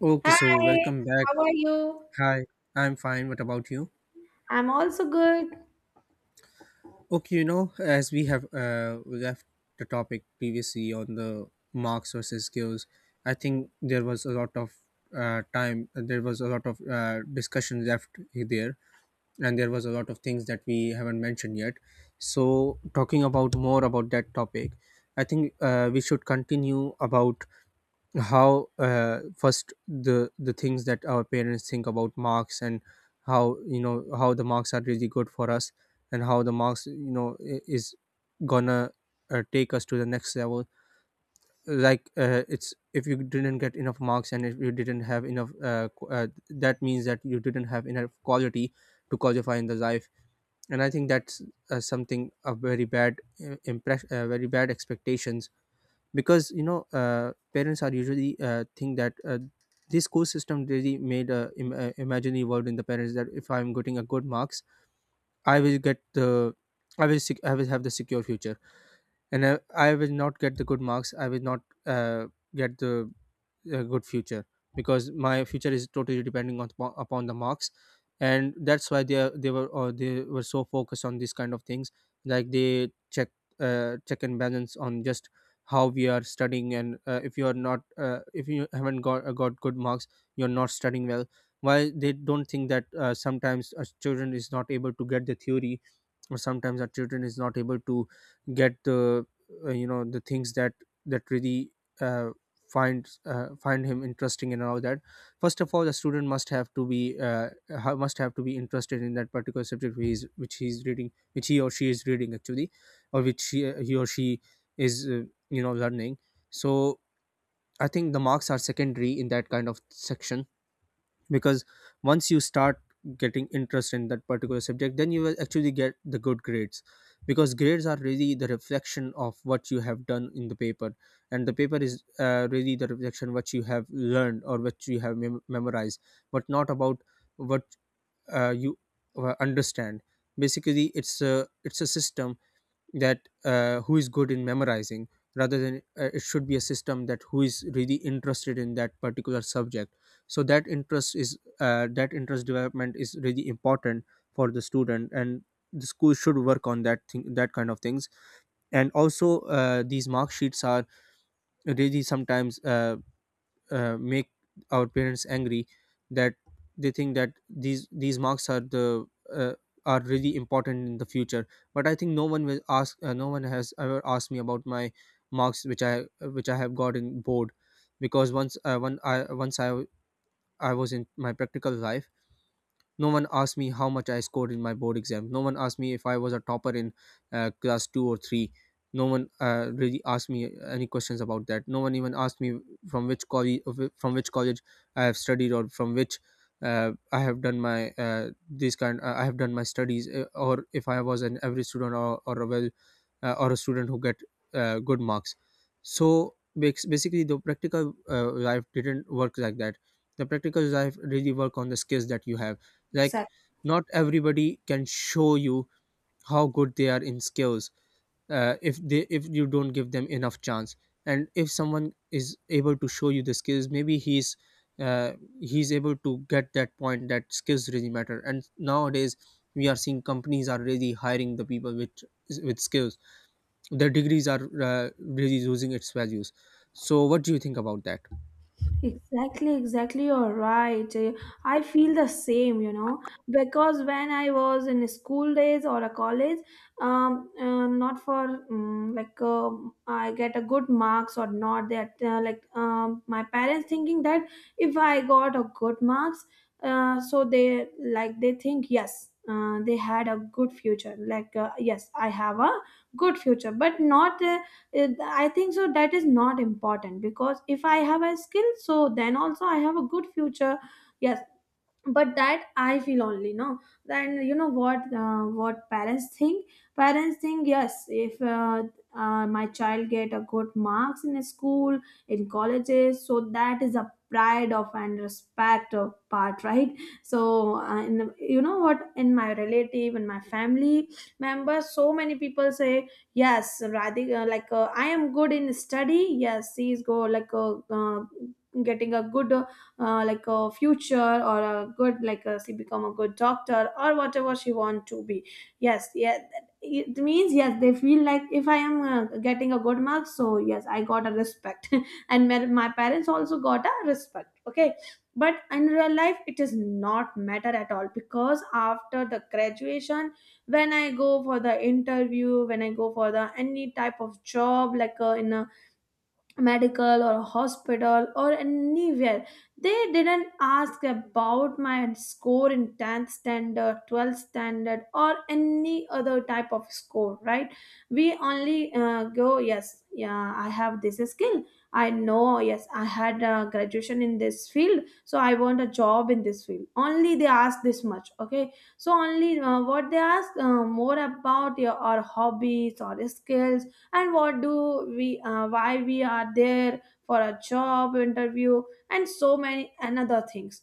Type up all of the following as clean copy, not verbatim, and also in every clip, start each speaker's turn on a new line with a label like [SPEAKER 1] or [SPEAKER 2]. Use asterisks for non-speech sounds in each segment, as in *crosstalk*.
[SPEAKER 1] Okay, so
[SPEAKER 2] Hi,
[SPEAKER 1] welcome back.
[SPEAKER 2] how are you?
[SPEAKER 1] Hi, I'm fine. What about you?
[SPEAKER 2] I'm also good.
[SPEAKER 1] Okay, you know, as we have left the topic previously on the marks versus skills, I think there was a lot of time, there was a lot of discussion left there, and there was a lot of things that we haven't mentioned yet. So, talking about more about that topic, I think we should continue about how first the things that our parents think about marks, and how, you know, how the marks are really good for us, and how the marks, you know, is gonna take us to the next level. Like it's if you didn't get enough marks, and if you didn't have enough that means that you didn't have enough quality to qualify in the life. And I think that's something a very bad impress very bad expectations, because, you know, parents are usually think that this school system really made a imaginary world in the parents that if I'm getting a good marks, I will get the, I will have the secure future. And I will not get the good marks, I will not get the a good future, because my future is totally depending on upon upon the marks. And that's why they were, or they were so focused on these kind of things, like they check check and balance on just how we are studying. And if you are not if you haven't got good marks, you're not studying well. Why they don't think that sometimes a student is not able to get the theory, sometimes our children is not able to get the you know, the things that really uh, find him interesting and all that. First of all, the student must have to be must have to be interested in that particular subject which he's reading, which he or she is reading actually, or which he or she is you know, learning. So I think the marks are secondary in that kind of section, because once you start getting interest in that particular subject, then you will actually get the good grades, because grades are really the reflection of what you have done in the paper. And the paper is really the reflection what you have learned or what you have memorized, but not about what you understand. Basically, it's a system that who is good in memorizing, rather than it should be a system that who is really interested in that particular subject. So that interest is that interest development is really important for the student, and the school should work on that kind of things. And also, these mark sheets are really sometimes make our parents angry, that they think that these marks are the uh, are really important in the future. But I think no one will ask no one has ever asked me about my marks which I have got in board. Because once when I was in my practical life, no one asked me how much I scored in my board exam. No one asked me if I was a topper in class two or three. No one really asked me any questions about that. No one even asked me from which college from which college I have studied, or from which I have done my this kind. I have done my studies, or if I was an average student, or a well or a student who get good marks. So basically, the practical life didn't work like that. The practical life really work on the skills that you have. Like
[SPEAKER 2] Exactly.
[SPEAKER 1] not everybody can show you how good they are in skills, if you don't give them enough chance. And if someone is able to show you the skills, maybe uh, he's able to get that point that skills really matter. And nowadays we are seeing companies are really hiring the people with skills. The degrees are really losing its values. So what do you think about that?
[SPEAKER 2] Exactly, exactly. You're right. I feel the same, you know, because when I was in school days or a college, not for um, like uh, I get a good marks or not. That like my parents thinking that if I got a good marks, so they like they think yes, they had a good future. Like yes, I have a good future, but not. I think so that is not important because if I have a skill so then also I have a good future. Yes, but that I feel only. No, then you know what parents think. Parents think yes if my child get a good marks in a school in colleges so that is a pride of and respect of part, right? So in, the, you know what, in my relative and my family members, so many people say yes, Radhika, I am good in study. Yes, she is go getting a good like a future or a good like she become a good doctor or whatever she want to be. Yes, yeah. It means yes, they feel like if I am getting a good mark so yes, I got a respect *laughs* and my parents also got a respect, okay? But in real life it is not matter at all because after the graduation, when I go for the interview, when I go for the any type of job like in a medical or a hospital or anywhere. They didn't ask about my score in 10th standard, 12th standard, or any other type of score, right? We only go, yes, yeah, I have this skill. I know, yes, I had a graduation in this field, so I want a job in this field. Only they ask this much, okay? So, only what they ask more about your or hobbies or skills, and what do we why we are there for a job interview, and so many another things.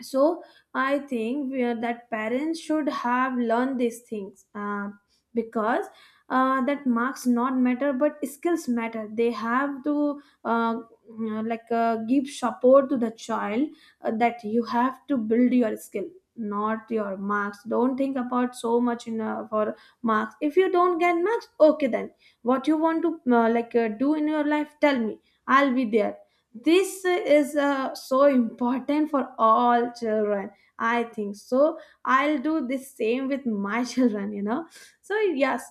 [SPEAKER 2] So I think that parents should have learned these things, because that marks not matter but skills matter. They have to give support to the child, that you have to build your skill, not your marks. Don't think about so much in for marks. If you don't get marks, okay, then what you want to do in your life, tell me. I'll be there. This is so important for all children, I think so. I'll do the same with my *laughs* children, you know. So yes,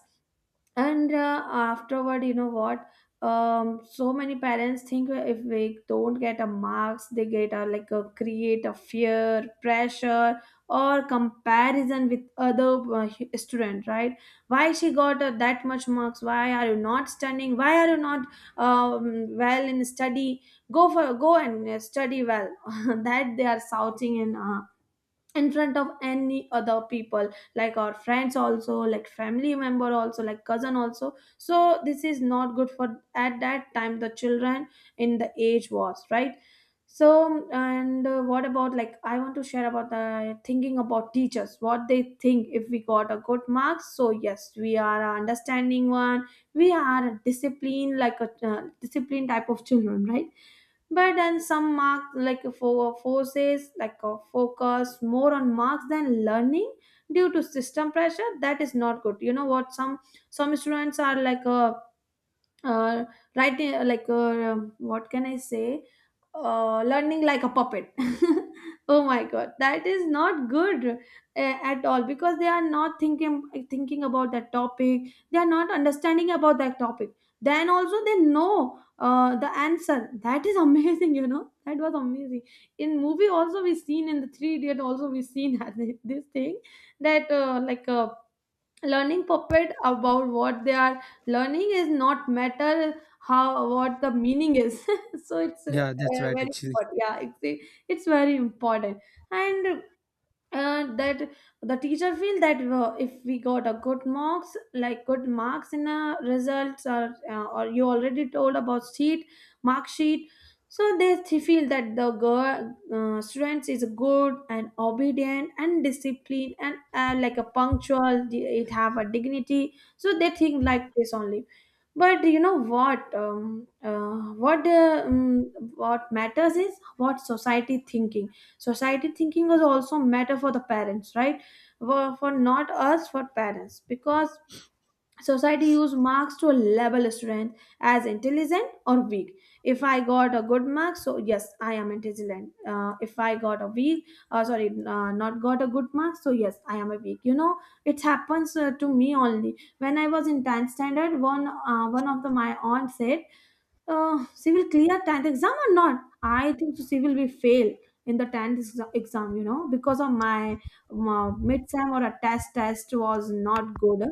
[SPEAKER 2] and afterward, you know what, so many parents think if we don't get a marks, they get a like a create a fear pressure or comparison with other student, right? Why she got that much marks, why are you not studying, why are you not well in study, go for go and study well. *laughs* That they are shouting in front of any other people, like our friends also, like family member also, like cousin also. So this is not good for at that time the children. In the age was right. So and what about like I want to share about the thinking about teachers, what they think if we got a good marks, so yes, we are a understanding one. We are a discipline like a discipline type of children, right? But then some mark like for forces like a focus more on marks than learning due to system pressure, that is not good. You know what, some students are like a uh, right what can I say, learning like a puppet. *laughs* Oh my god, that is not good at all, because they are not thinking about that topic, they are not understanding about that topic, then also they know the answer. That is *laughs* amazing, you know, that was amazing. In movie also we seen, in the Three Idiot also we seen *laughs* this thing, that learning puppet about what they are learning is not matter. How, what the meaning is? *laughs* So it's
[SPEAKER 1] Yeah, that's right,
[SPEAKER 2] very
[SPEAKER 1] actually.
[SPEAKER 2] important. Yeah, it's very important. And that the teacher feel that if we got a good marks like good marks in a results or you already told about sheet, mark sheet, so they feel that the girl students is good and obedient and disciplined and like a punctual, it have a dignity, so they think like this only. But you know what? What matters is what society thinking. Society thinking was also matter for the parents, right? For not us, for parents, because society use marks to label strength as intelligent or weak. If I got a good mark, so yes, I am intelligent. If I got a weak, sorry, not got a good mark, so yes, I am a weak. You know, it happens to me only. When I was in 10th standard, one of the my aunt said civil clear 10th exam or not, I think so civil will fail in the 10th exam, you know, because of my mid-sem or a test. Test was not good.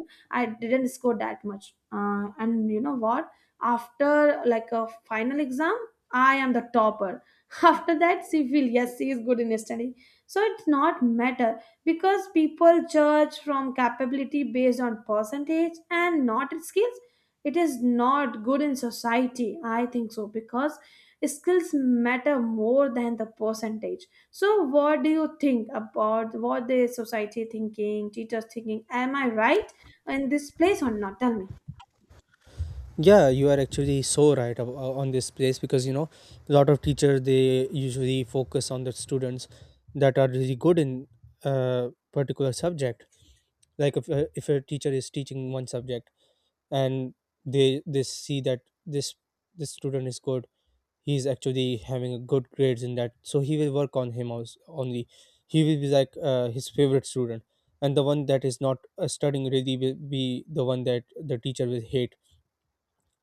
[SPEAKER 2] I didn't score that much and you know what, after like a final exam I am the topper. *laughs* After that, civil, yes, she is good in study. So it's not matter, because people judge from capability based on percentage and not skills. It is not good in society, I think so, because skills matter more than the percentage. So what do you think about what the society thinking, teachers thinking, am I right in this place or not, tell me?
[SPEAKER 1] Yeah, you are actually so right on this place, because, you know, a lot of teachers they usually focus on the students that are really good in a particular subject. Like if a teacher is teaching one subject, and they see that this this student is good, he's actually having a good grades in that, so he will work on him only. He will be like his favorite student. And the one that is not studying really will be the one that the teacher will hate.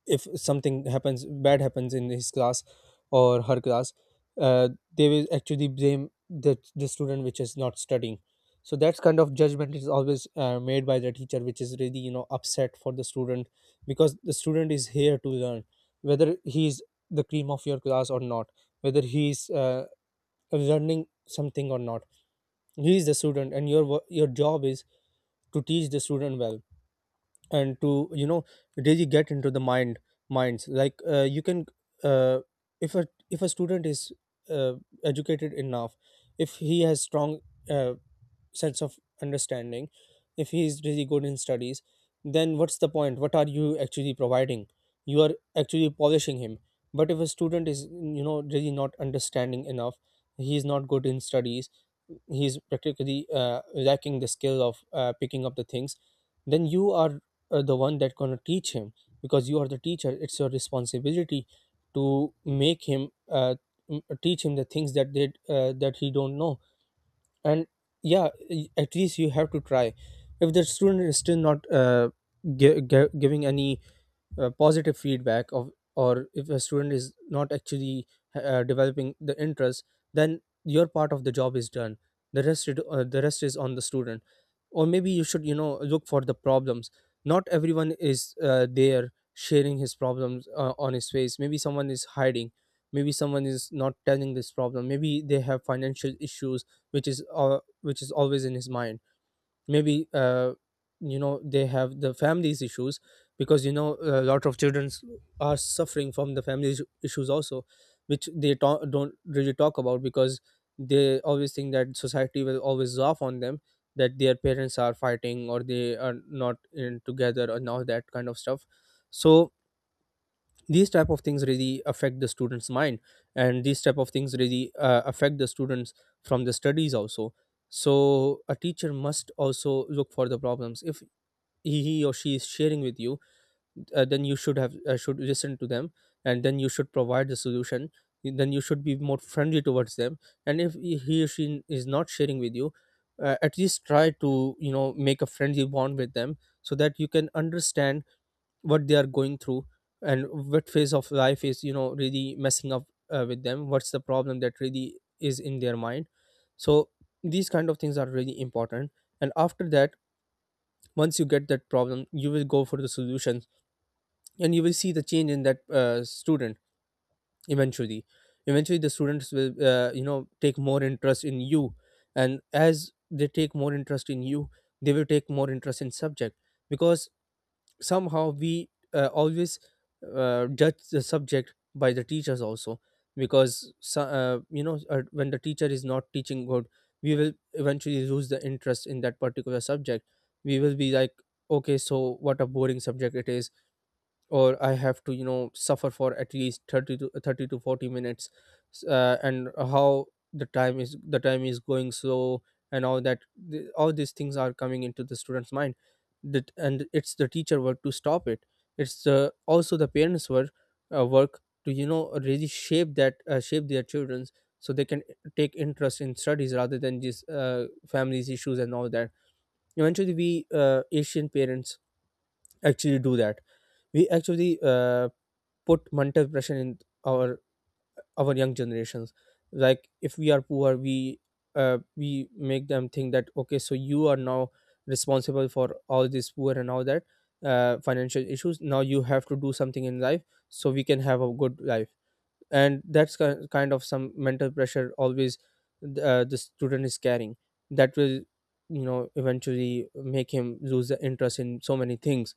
[SPEAKER 1] If something happens, bad happens in his class or her class, uh, they will actually blame the student which is not studying. So that kind of judgment is always made by the teacher, which is really, you know, upset for the student, because the student is here to learn, whether he is the cream of your class or not, whether he is learning something or not. He is the student, and your your job is to teach the student well, and to, you know, really get into the minds. Like you can uh, if a student is uh, educated enough, if he has strong uh, sense of understanding, if he is really good in studies, then what's the point? What are you actually providing? You are actually polishing him. But if a student is, you know, really not understanding enough, he is not good in studies, he's practically lacking the skill of picking up the things, then you are the one that gonna teach him, because you are the teacher. It's your responsibility to make him teach him the things that they that he don't know. And yeah, at least you have to try. If the student is still not giving any positive feedback of, or if a student is not actually developing the interest, then your part of the job is done. The rest the rest is on the student. Or maybe you should, you know, look for the problems. Not everyone is there sharing his problems on his face. Maybe someone is hiding, maybe someone is not telling this problem, maybe they have financial issues, which is always in his mind. Maybe you know, they have the families issues, because, you know, a lot of children are suffering from the family issues also, which don't really talk about, because they always think that society will always laugh on them, that their parents are fighting, or they are not in together and all that kind of stuff. So these type of things really affect the students mind. And these type of things really affect the students from the studies also. So a teacher must also look for the problems. If he or she is sharing with you, then you should have should listen to them, and then you should provide the solution. Then you should be more friendly towards them. And if he or she is not sharing with you, at least try to, you know, make a friendly bond with them, so that you can understand what they are going through, and what phase of life is, you know, really messing up with them, what's the problem that really is in their mind. So these kind of things are really important. And after that, once you get that problem, you will go for the solutions, and you will see the change in that student. Eventually, eventually the students will you know, take more interest in you. And as they take more interest in you, they will take more interest in subject, because somehow we always judge the subject by the teachers also, because you know, when the teacher is not teaching good, we will eventually lose the interest in that particular subject. We will be like, okay, so what a boring subject it is, or I have to, you know, suffer for at least 30 to 40 minutes, and how the time is going slow, and all that. All these things are coming into the student's mind, that and it's the teacher work to stop it. It's the, also the parents work, work to, you know, really shape that, shape their Children's, so they can take interest in studies rather than just families issues and all that. Eventually, we Asian parents actually do that. We actually put mental pressure in our our young generations. Like if we are poor, we make them think that okay, so you are now responsible for all this poor and all that, financial issues. Now you have to do something in life so we can have a good life. And that's kind of some mental pressure always the student is carrying, that will eventually make him lose the interest in so many things.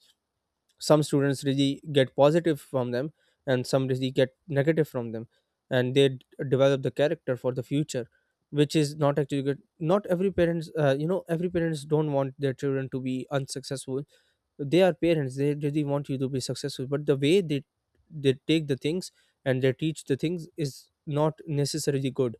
[SPEAKER 1] Some students really get positive from them, and some really get negative from them, and develop the character for the future, which is not actually good. Not every parents, every parents don't want their children to be unsuccessful. They are parents, they really want you to be successful, but the way they take the things and they teach the things is not necessarily good.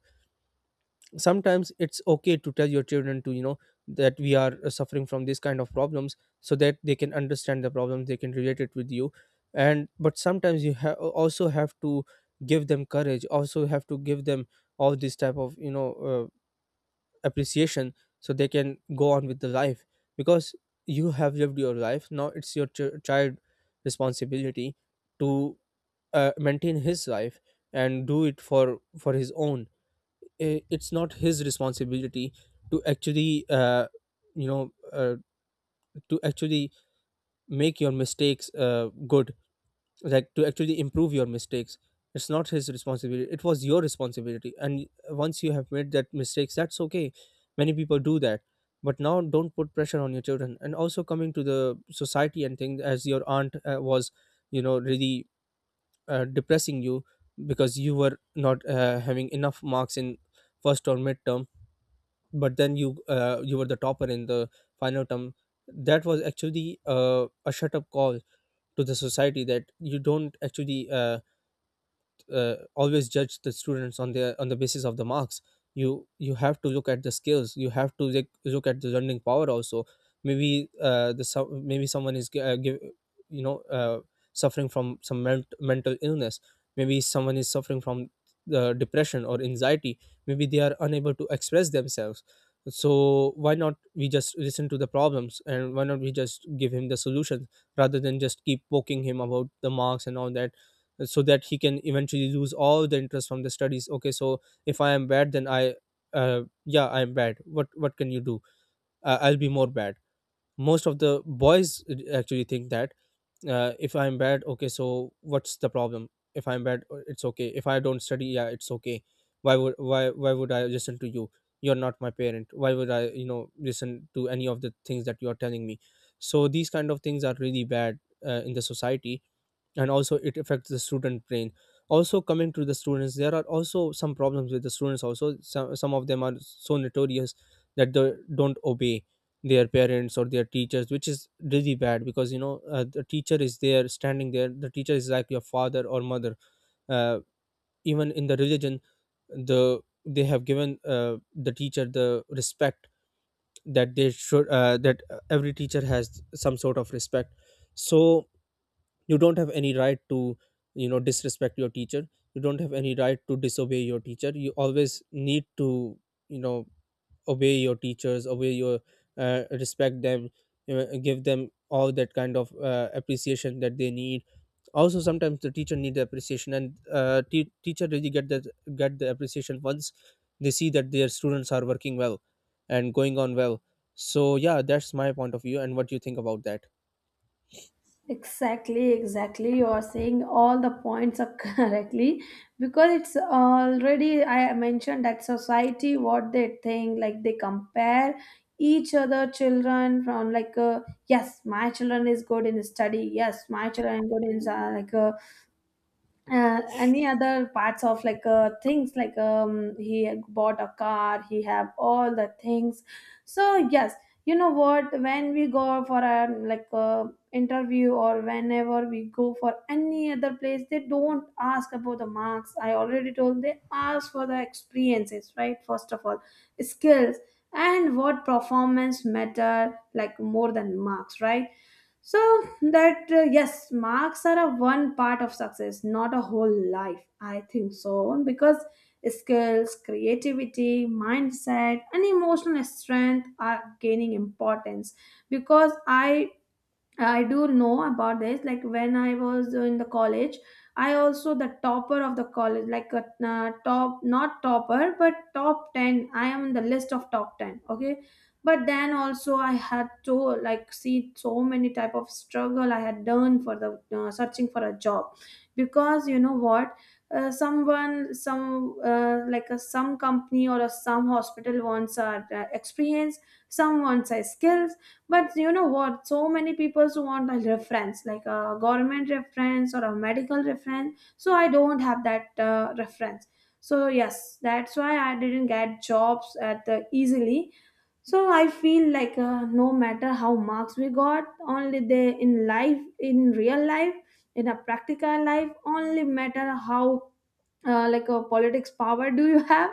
[SPEAKER 1] Sometimes it's okay to tell your children to that we are suffering from this kind of problems so that they can understand the problems, they can relate it with you. And but sometimes you also have to give them courage, also have to give them all this type of appreciation so they can go on with the life. Because you have lived your life, now it's your child responsibility to maintain his life and do it for his own. I- it's not his responsibility to actually you know uh, to actually make your mistakes good, like to actually improve your mistakes. It's not his responsibility, it was your responsibility, and once you have made that mistakes, that's okay. Many people do that. But now don't put pressure on your children. And also coming to the society and thing, as your aunt was really depressing you because you were not having enough marks in first or midterm, but then you you were the topper in the final term. That was actually a shut up call to the society that you don't actually always judge the students on their on the basis of the marks. You have to look at the skills, you have to like, look at the learning power also. Maybe maybe someone is gi- give, you know suffering from some mental illness. Maybe someone is suffering from the depression or anxiety. Maybe they are unable to express themselves. So why not we just listen to the problems, and why not we just give him the solutions rather than just keep poking him about the marks and all that, so that he can eventually lose all the interest from the studies. Okay, so if I am bad, then I yeah, I am bad. What can you do? I'll be more bad. Most of the boys actually think that if I'm bad, okay, so what's the problem? If I'm bad, it's okay. If I don't study, yeah, it's okay. Why would why would I listen to you? You're not my parent, why would I listen to any of the things that you are telling me? So these kind of things are really bad in the society. And also it affects the student brain. Also coming to the students, there are also some problems with the students also. Some of them are so notorious that they don't obey their parents or their teachers, which is really bad because the teacher is there standing there. The teacher is like your father or mother. uh, Even in the religion, the they have given the teacher the respect that they should that every teacher has some sort of respect. So you don't have any right to disrespect your teacher. You don't have any right to disobey your teacher. You always need to you know obey your teachers, obey your respect them, give them all that kind of appreciation that they need. Also sometimes the teacher need the appreciation, and teacher really get that, get the appreciation once they see that their students are working well and going on well. So yeah, that's my point of view, and what do you think about that?
[SPEAKER 2] Exactly, exactly. You are saying all the points up *laughs* correctly, because it's already I mentioned that society what they think, like they compare each other children from like yes my children is good in study, yes my children is good in any other parts of like things like he had bought a car, he have all the things, so yes. You know what, when we go for a like a interview or whenever we go for any other place, they don't ask about the marks, I already told, they ask for the experiences, right? First of all skills, and what performance matter like more than marks, right? So that yes, marks are a one part of success, not a whole life, I think so, because skills, creativity, mindset and emotional strength are gaining importance. Because I do know about this. Like when I was in the college, I also the topper of the college, like a top, not topper, but top 10. I am in the list of top 10. Okay. But then also I had to like see so many type of struggle I had done for the searching for a job, because you know what, some company or a some hospital wants our experience, some wants our skills. But you know what? So many people who want a reference, like a government reference or a medical reference. So I don't have that reference. So yes, that's why I didn't get jobs at the easily. So I feel like no matter how marks we got, only they in life, in real life, in a practical life, only matter how like a politics power do you have,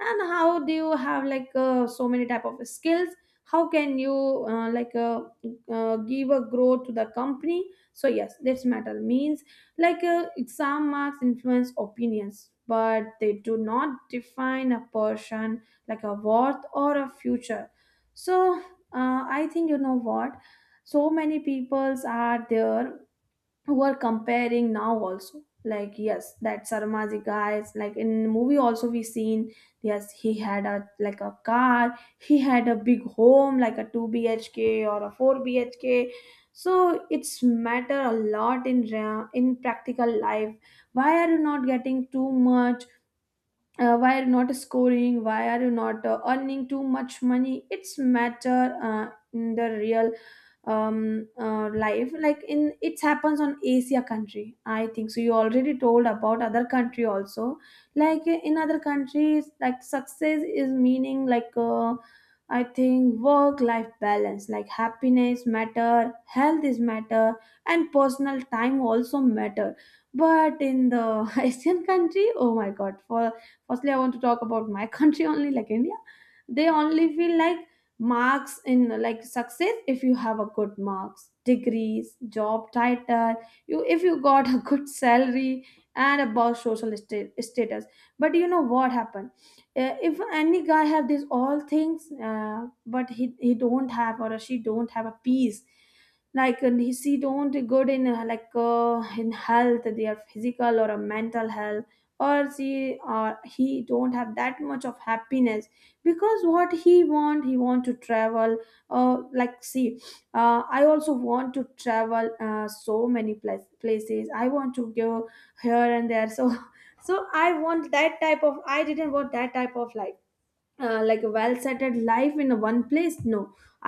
[SPEAKER 2] and how do you have like so many type of skills. How can you uh, like uh, give a growth to the company? So yes, that's matter means like exam marks influence opinions, but they do not define a person like a worth or a future. So I think, you know what, so many peoples are there who are comparing now also, like yes, that Sarmaji guy is, like in movie also we seen. Yes, he had a like a car, he had a big home like a 2 bhk or a 4 bhk. So it's matter a lot in in practical life. Why are you not getting too much? Why are you not scoring? Why are you not earning too much money? It's matter in the real life. Like in, it happens on Asia country. I think so. You already told about other country also. Like in other countries, like success is meaning, like I think work life balance, like happiness matter, health is matter, and personal time also matter. But in the *laughs* Asian country, oh my god. For firstly, I want to talk about my *laughs* country only, like India. They only feel like marks in like success, if you have a good marks, degrees, job title, you, if you got a *laughs* good salary, and about social status. But you know what happened? If any guy have these all things, uh, but he don't have or she don't have a peace, like, and he she don't good in in health, their physical or a mental health, or she or he don't have that much of happiness. Because what he want, he want to travel. Like see, I also want to travel, so many places I want to go, here and there. So *laughs* so I want that type of, I didn't want that type of life. Like a well settled life in a one place, no.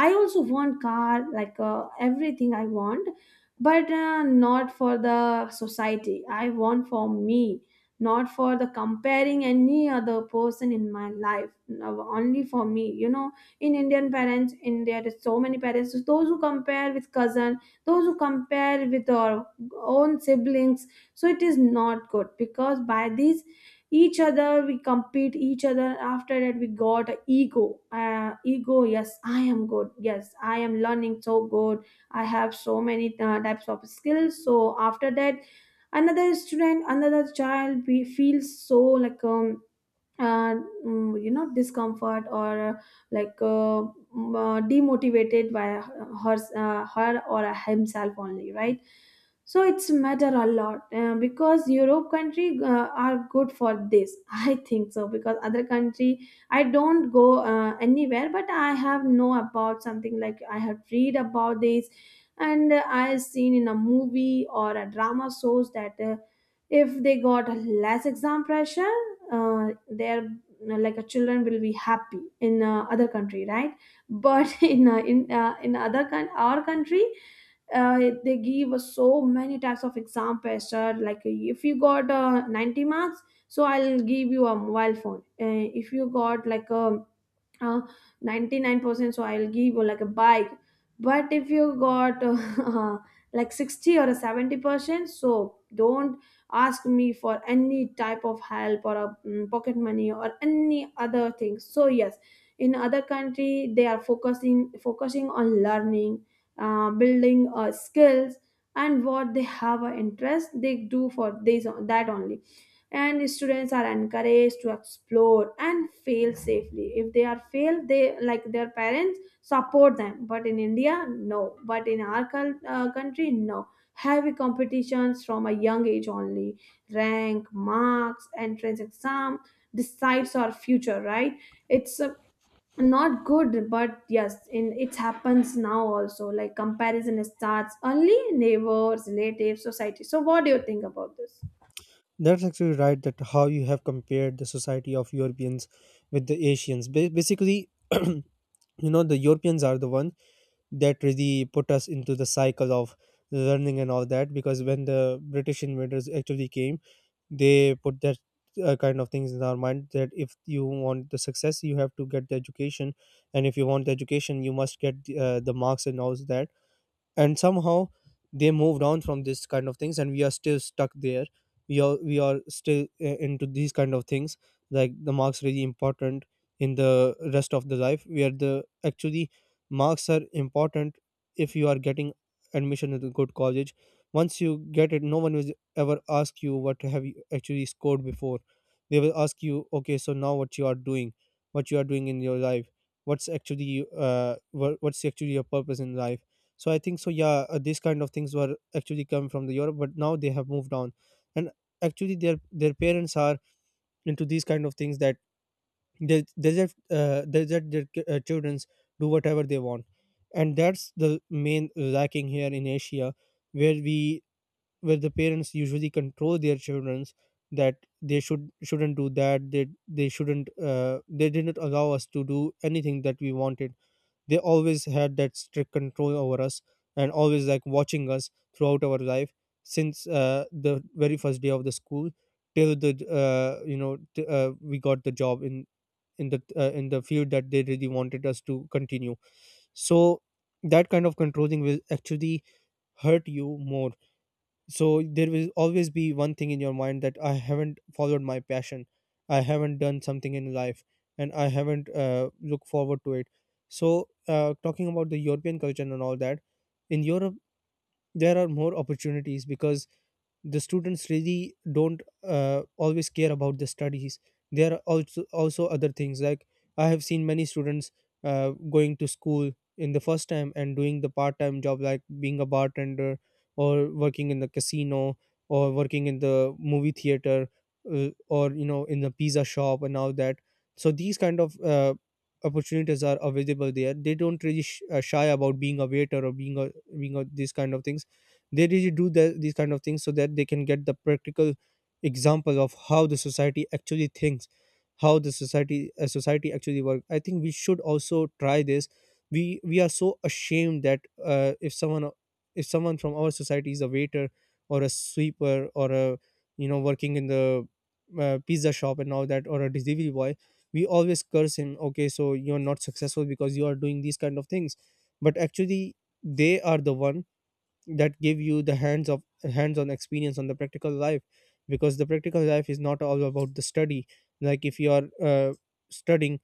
[SPEAKER 2] I also want car, like everything I want, but not for the society, I want for me, not for the comparing any other person in my life. No, only for me. In Indian parents, in there is so many parents, so those who compare with cousin, those who compare with our own siblings. So it is not good, because by these, each other we compete each other, after that we got a ego, ego, yes I am good, yes I am learning so good. I have so many types of skills. So after that, another student, another child, we feels so like uh, you know, discomfort or like uh, demotivated by her or himself only, right. So it's matter a lot because Europe country are good for this. *laughs* I think so, because other country I don't go anywhere, but I have know about something, like I have read about this, and I seen in a movie or a drama shows that if they got less exam pressure, their like a children will be happy in other country, right. But *laughs* in other coun our country, they give us so many types of exam pressure. Like if you got 90 marks, so I'll give you a mobile phone. If you got like a uh, 99% so I'll give you like a bike. But if you got *laughs* like 60 or a 70%, so don't ask me for any type of help or a pocket money or any other thing. So yes, in other country they are focusing on learning, building skills, and what they have an interest they do for this that only. And students are encouraged to explore and fail safely, if they are failed they like their parents support them. But in India, no. But in our country, no, heavy competitions from a young age only, rank, marks, entrance exam decides our future, right. It's not good, but yes, in, it happens now also, like comparison starts only, neighbors, relatives, society. So what do you think about this?
[SPEAKER 1] That's actually right. That how you have compared the society of Europeans with the Asians. Basically, *clears throat* you know, the Europeans are the one that really put us into the cycle of learning and all that. Because when the British invaders actually came, they put that kind of things in our mind that if you want the success, you have to get the education, and if you want the education, you must get the marks and all that. And somehow they moved on from this kind of things and we are still stuck there. We are still into these kind of things, like the marks really important. In the rest of the life, where the actually marks are important, if you are getting admission at a good college, once you get it, no one will ever ask you what have you actually scored before. They will ask you okay, so now what you are doing, what you are doing in your life, what's actually what's actually your purpose in life. So I think so, yeah, these kind of things were actually come from the Europe, but now they have moved on. And actually their parents are into these kind of things that they let their children do whatever they want. And that's the main lacking here in Asia, where we where the parents usually control their children. That they should shouldn't do that, they shouldn't they didn't allow us to do anything that we wanted. They always had that strict control over us, and always like watching us throughout our life, since the very first day of the school till the we got the job in the in the field that they really wanted us to continue. So that kind of controlling will actually hurt you more. So there will always be one thing in your mind that I haven't followed my passion, I haven't done something in life, and I haven't looked forward to it. So talking about the European culture and all that, in Europe there are more opportunities because the students really don't always care about the studies. There are also other things, like I have seen many students going to school in the first time and doing the part time job like being a bartender, or working in the casino, or working in the movie theater, or you know, in the pizza shop and all that. So these kind of opportunities are available there. They don't really shy about being a waiter or being a these kind of things. They really do these kind of things so that they can get the practical example of how the society actually thinks, how the society actually works. I think we should also try this. We are so ashamed that if someone from our society is a waiter, or a sweeper, or a you know, working in the pizza shop and all that, or a delivery boy, we always curse him. Okay, so you're not successful because you are doing these kind of things. But actually they are the one that give you the hands-on experience on the practical life. Because the practical life is not all about the study. Like if you are studying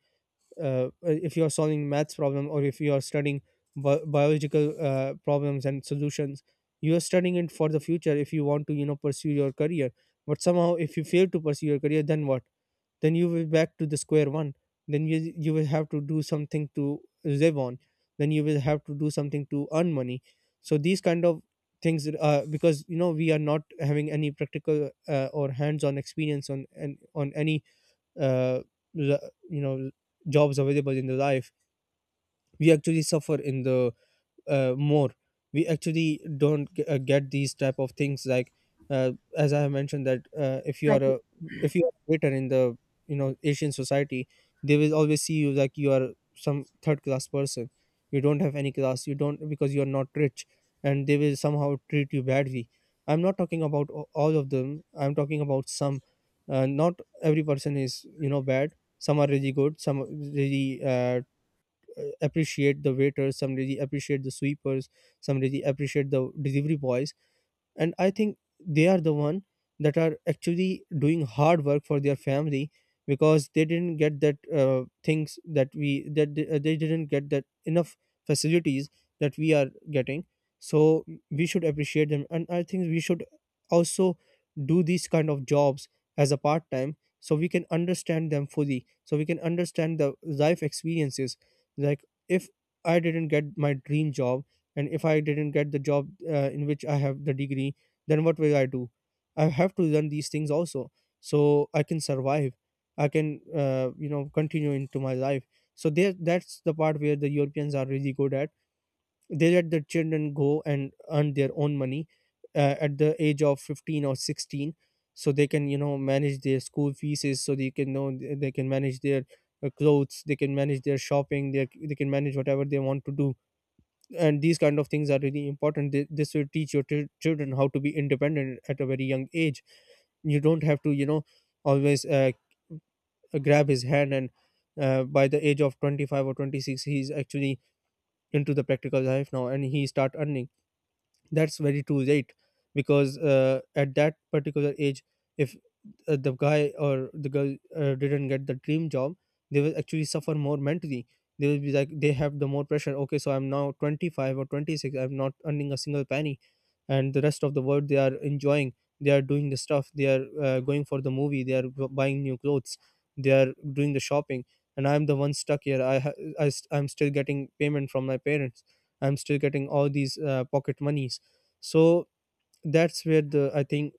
[SPEAKER 1] if you are solving maths problem, or if you are studying biological problems and solutions, you are studying it for the future if you want to pursue your career. But somehow if you fail to pursue your career, then what? Then you will back to the square one. Then you will have to do something to live on. Then you will have to do something to earn money. So these kind of things, because you know, we are not having any practical or hands on experience on and on any uh, l- you know jobs available in the life, we actually suffer in the more. We actually don't get these type of things. Like uh, as I have mentioned, that if you are a waiter in the you know, Asian society, they will always see you like you are some Third class person. You don't have any class, you don't, because you are not rich, and they will somehow treat you badly. I'm not talking about all of them, I'm talking about some. Not every person is bad. Some are really good, some are really appreciate the waiters, some really appreciate the sweepers, some really appreciate the delivery boys. And I think they are the one that are actually doing hard work for their family, because they didn't get that things that we that they didn't get that enough facilities that we are getting. So we should appreciate them, and I think we should also do these kind of jobs as a part time, so we can understand them fully, so we can understand the life experiences. Like, if I didn't get my dream job, and if I didn't get the job in which I have the degree, then what will I do? I have to learn these things also, so I can survive. I can continue into my life. So there that's the part where the Europeans are really good at. They let the children go and earn their own money at the age of 15 or 16, so they can, you know, manage their school fees, so they can know, they can manage their clothes, they can manage their shopping, they can manage whatever they want to do. And these kind of things are really important. This will teach your children how to be independent at a very young age. You don't have to, you know, always grab his hand, and by the age of 25 or 26 he's actually into the practical life now and he start earning. That's very too late, because at that particular age, if the guy or the girl didn't get the dream job, they will actually suffer more mentally. They will be like they have the more pressure. Okay, so I'm now 25 or 26, I'm not earning a single penny, and the rest of the world, they are enjoying, they are doing the stuff, they are going for the movie, they are buying new clothes, they are doing the shopping, and I'm the one stuck here. I, ha- I st- I'm still getting payment from my parents, I'm still getting all these pocket monies. So that's where the I think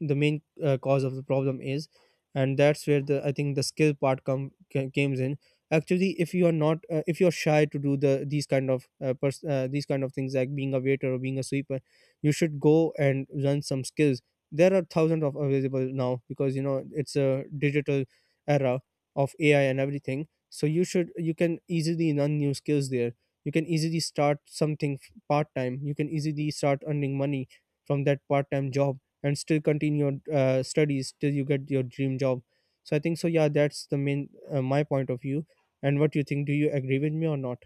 [SPEAKER 1] the main cause of the problem is, and that's where the I think the skill part comes in. Actually, if you are not if you're shy to do these kind of these kind of things, like being a waiter or being a sweeper, you should go and learn some skills. There are thousands of available now, because you know it's a digital era of AI and everything, so you can easily learn new skills there. You can easily start something part time, you can easily start earning money from that part time job, and still continue your studies till you get your dream job. So I think so, yeah, that's the main my point of view. And what do you think, do you agree with me or not?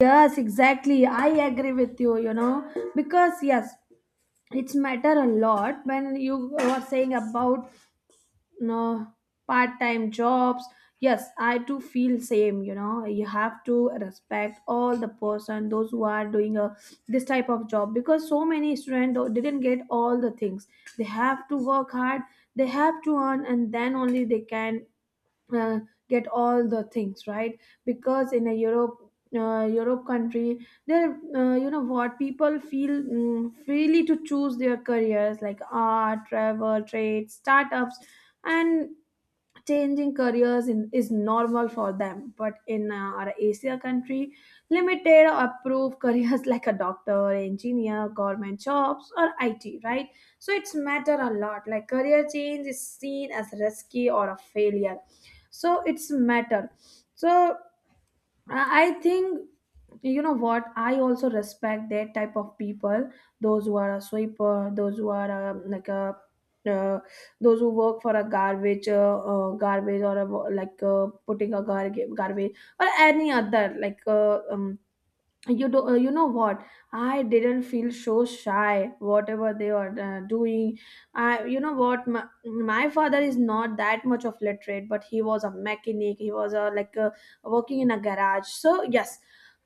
[SPEAKER 2] Yes, exactly. I agree with you, because yes, it's matter a lot when you were saying about, you know, part-time jobs. Yes, I too feel same, you know. You have to respect all the person, those who are doing a this type of job, because so many students didn't get all the things. They have to work hard, they have to earn and then only they can uh, get all the things, right. Because in a europe europe country there, you know what, people feel freely to choose their careers, like art, travel, trade, startups, and changing careers is normal for them. But in our Asia country, limited approved careers *laughs* like a doctor, engineer, government jobs or IT, right. So it's matter a lot, like career change is seen as risky or a failure, so it's matter. So I think, you know what, I also respect that type of people, those who are a sweeper, uh, those who work for a garbage, garbage, or a like putting a garbage, or any other like you know what, I didn't feel so shy whatever they are doing. I You know what, my father is not that much of literate, but he was a mechanic, he was a like a, working in a garage. So yes,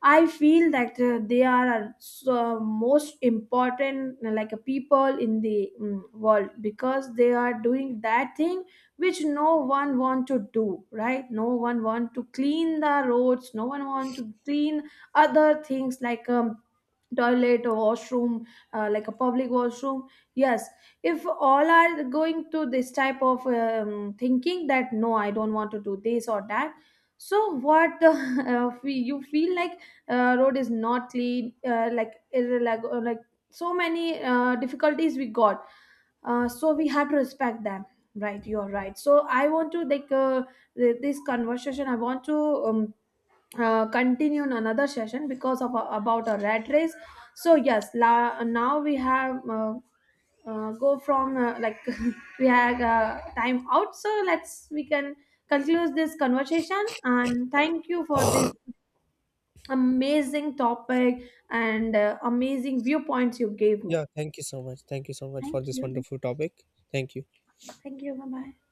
[SPEAKER 2] I feel that they are so most important like a people in the world, because they are doing that thing which no one want to do, right. No one want to clean the roads, no one want to clean other things like toilet or washroom, like a public washroom, yes. If all are going to this type of thinking that no, I don't want to do this or that, so what *laughs* you feel like road is not clean, like so many difficulties we got, so we have to respect them, right. You're right. So I want to like this conversation I want to continue in another session because of about a rat race. So yes la, now we have go from like *laughs* we have time out. So let's we can conclude this conversation, and thank you for this amazing topic and amazing viewpoints you gave me.
[SPEAKER 1] Yeah, thank you so much. Thank you so much for
[SPEAKER 2] Thank
[SPEAKER 1] this
[SPEAKER 2] you.
[SPEAKER 1] wonderful topic. Thank you.
[SPEAKER 2] Bye bye.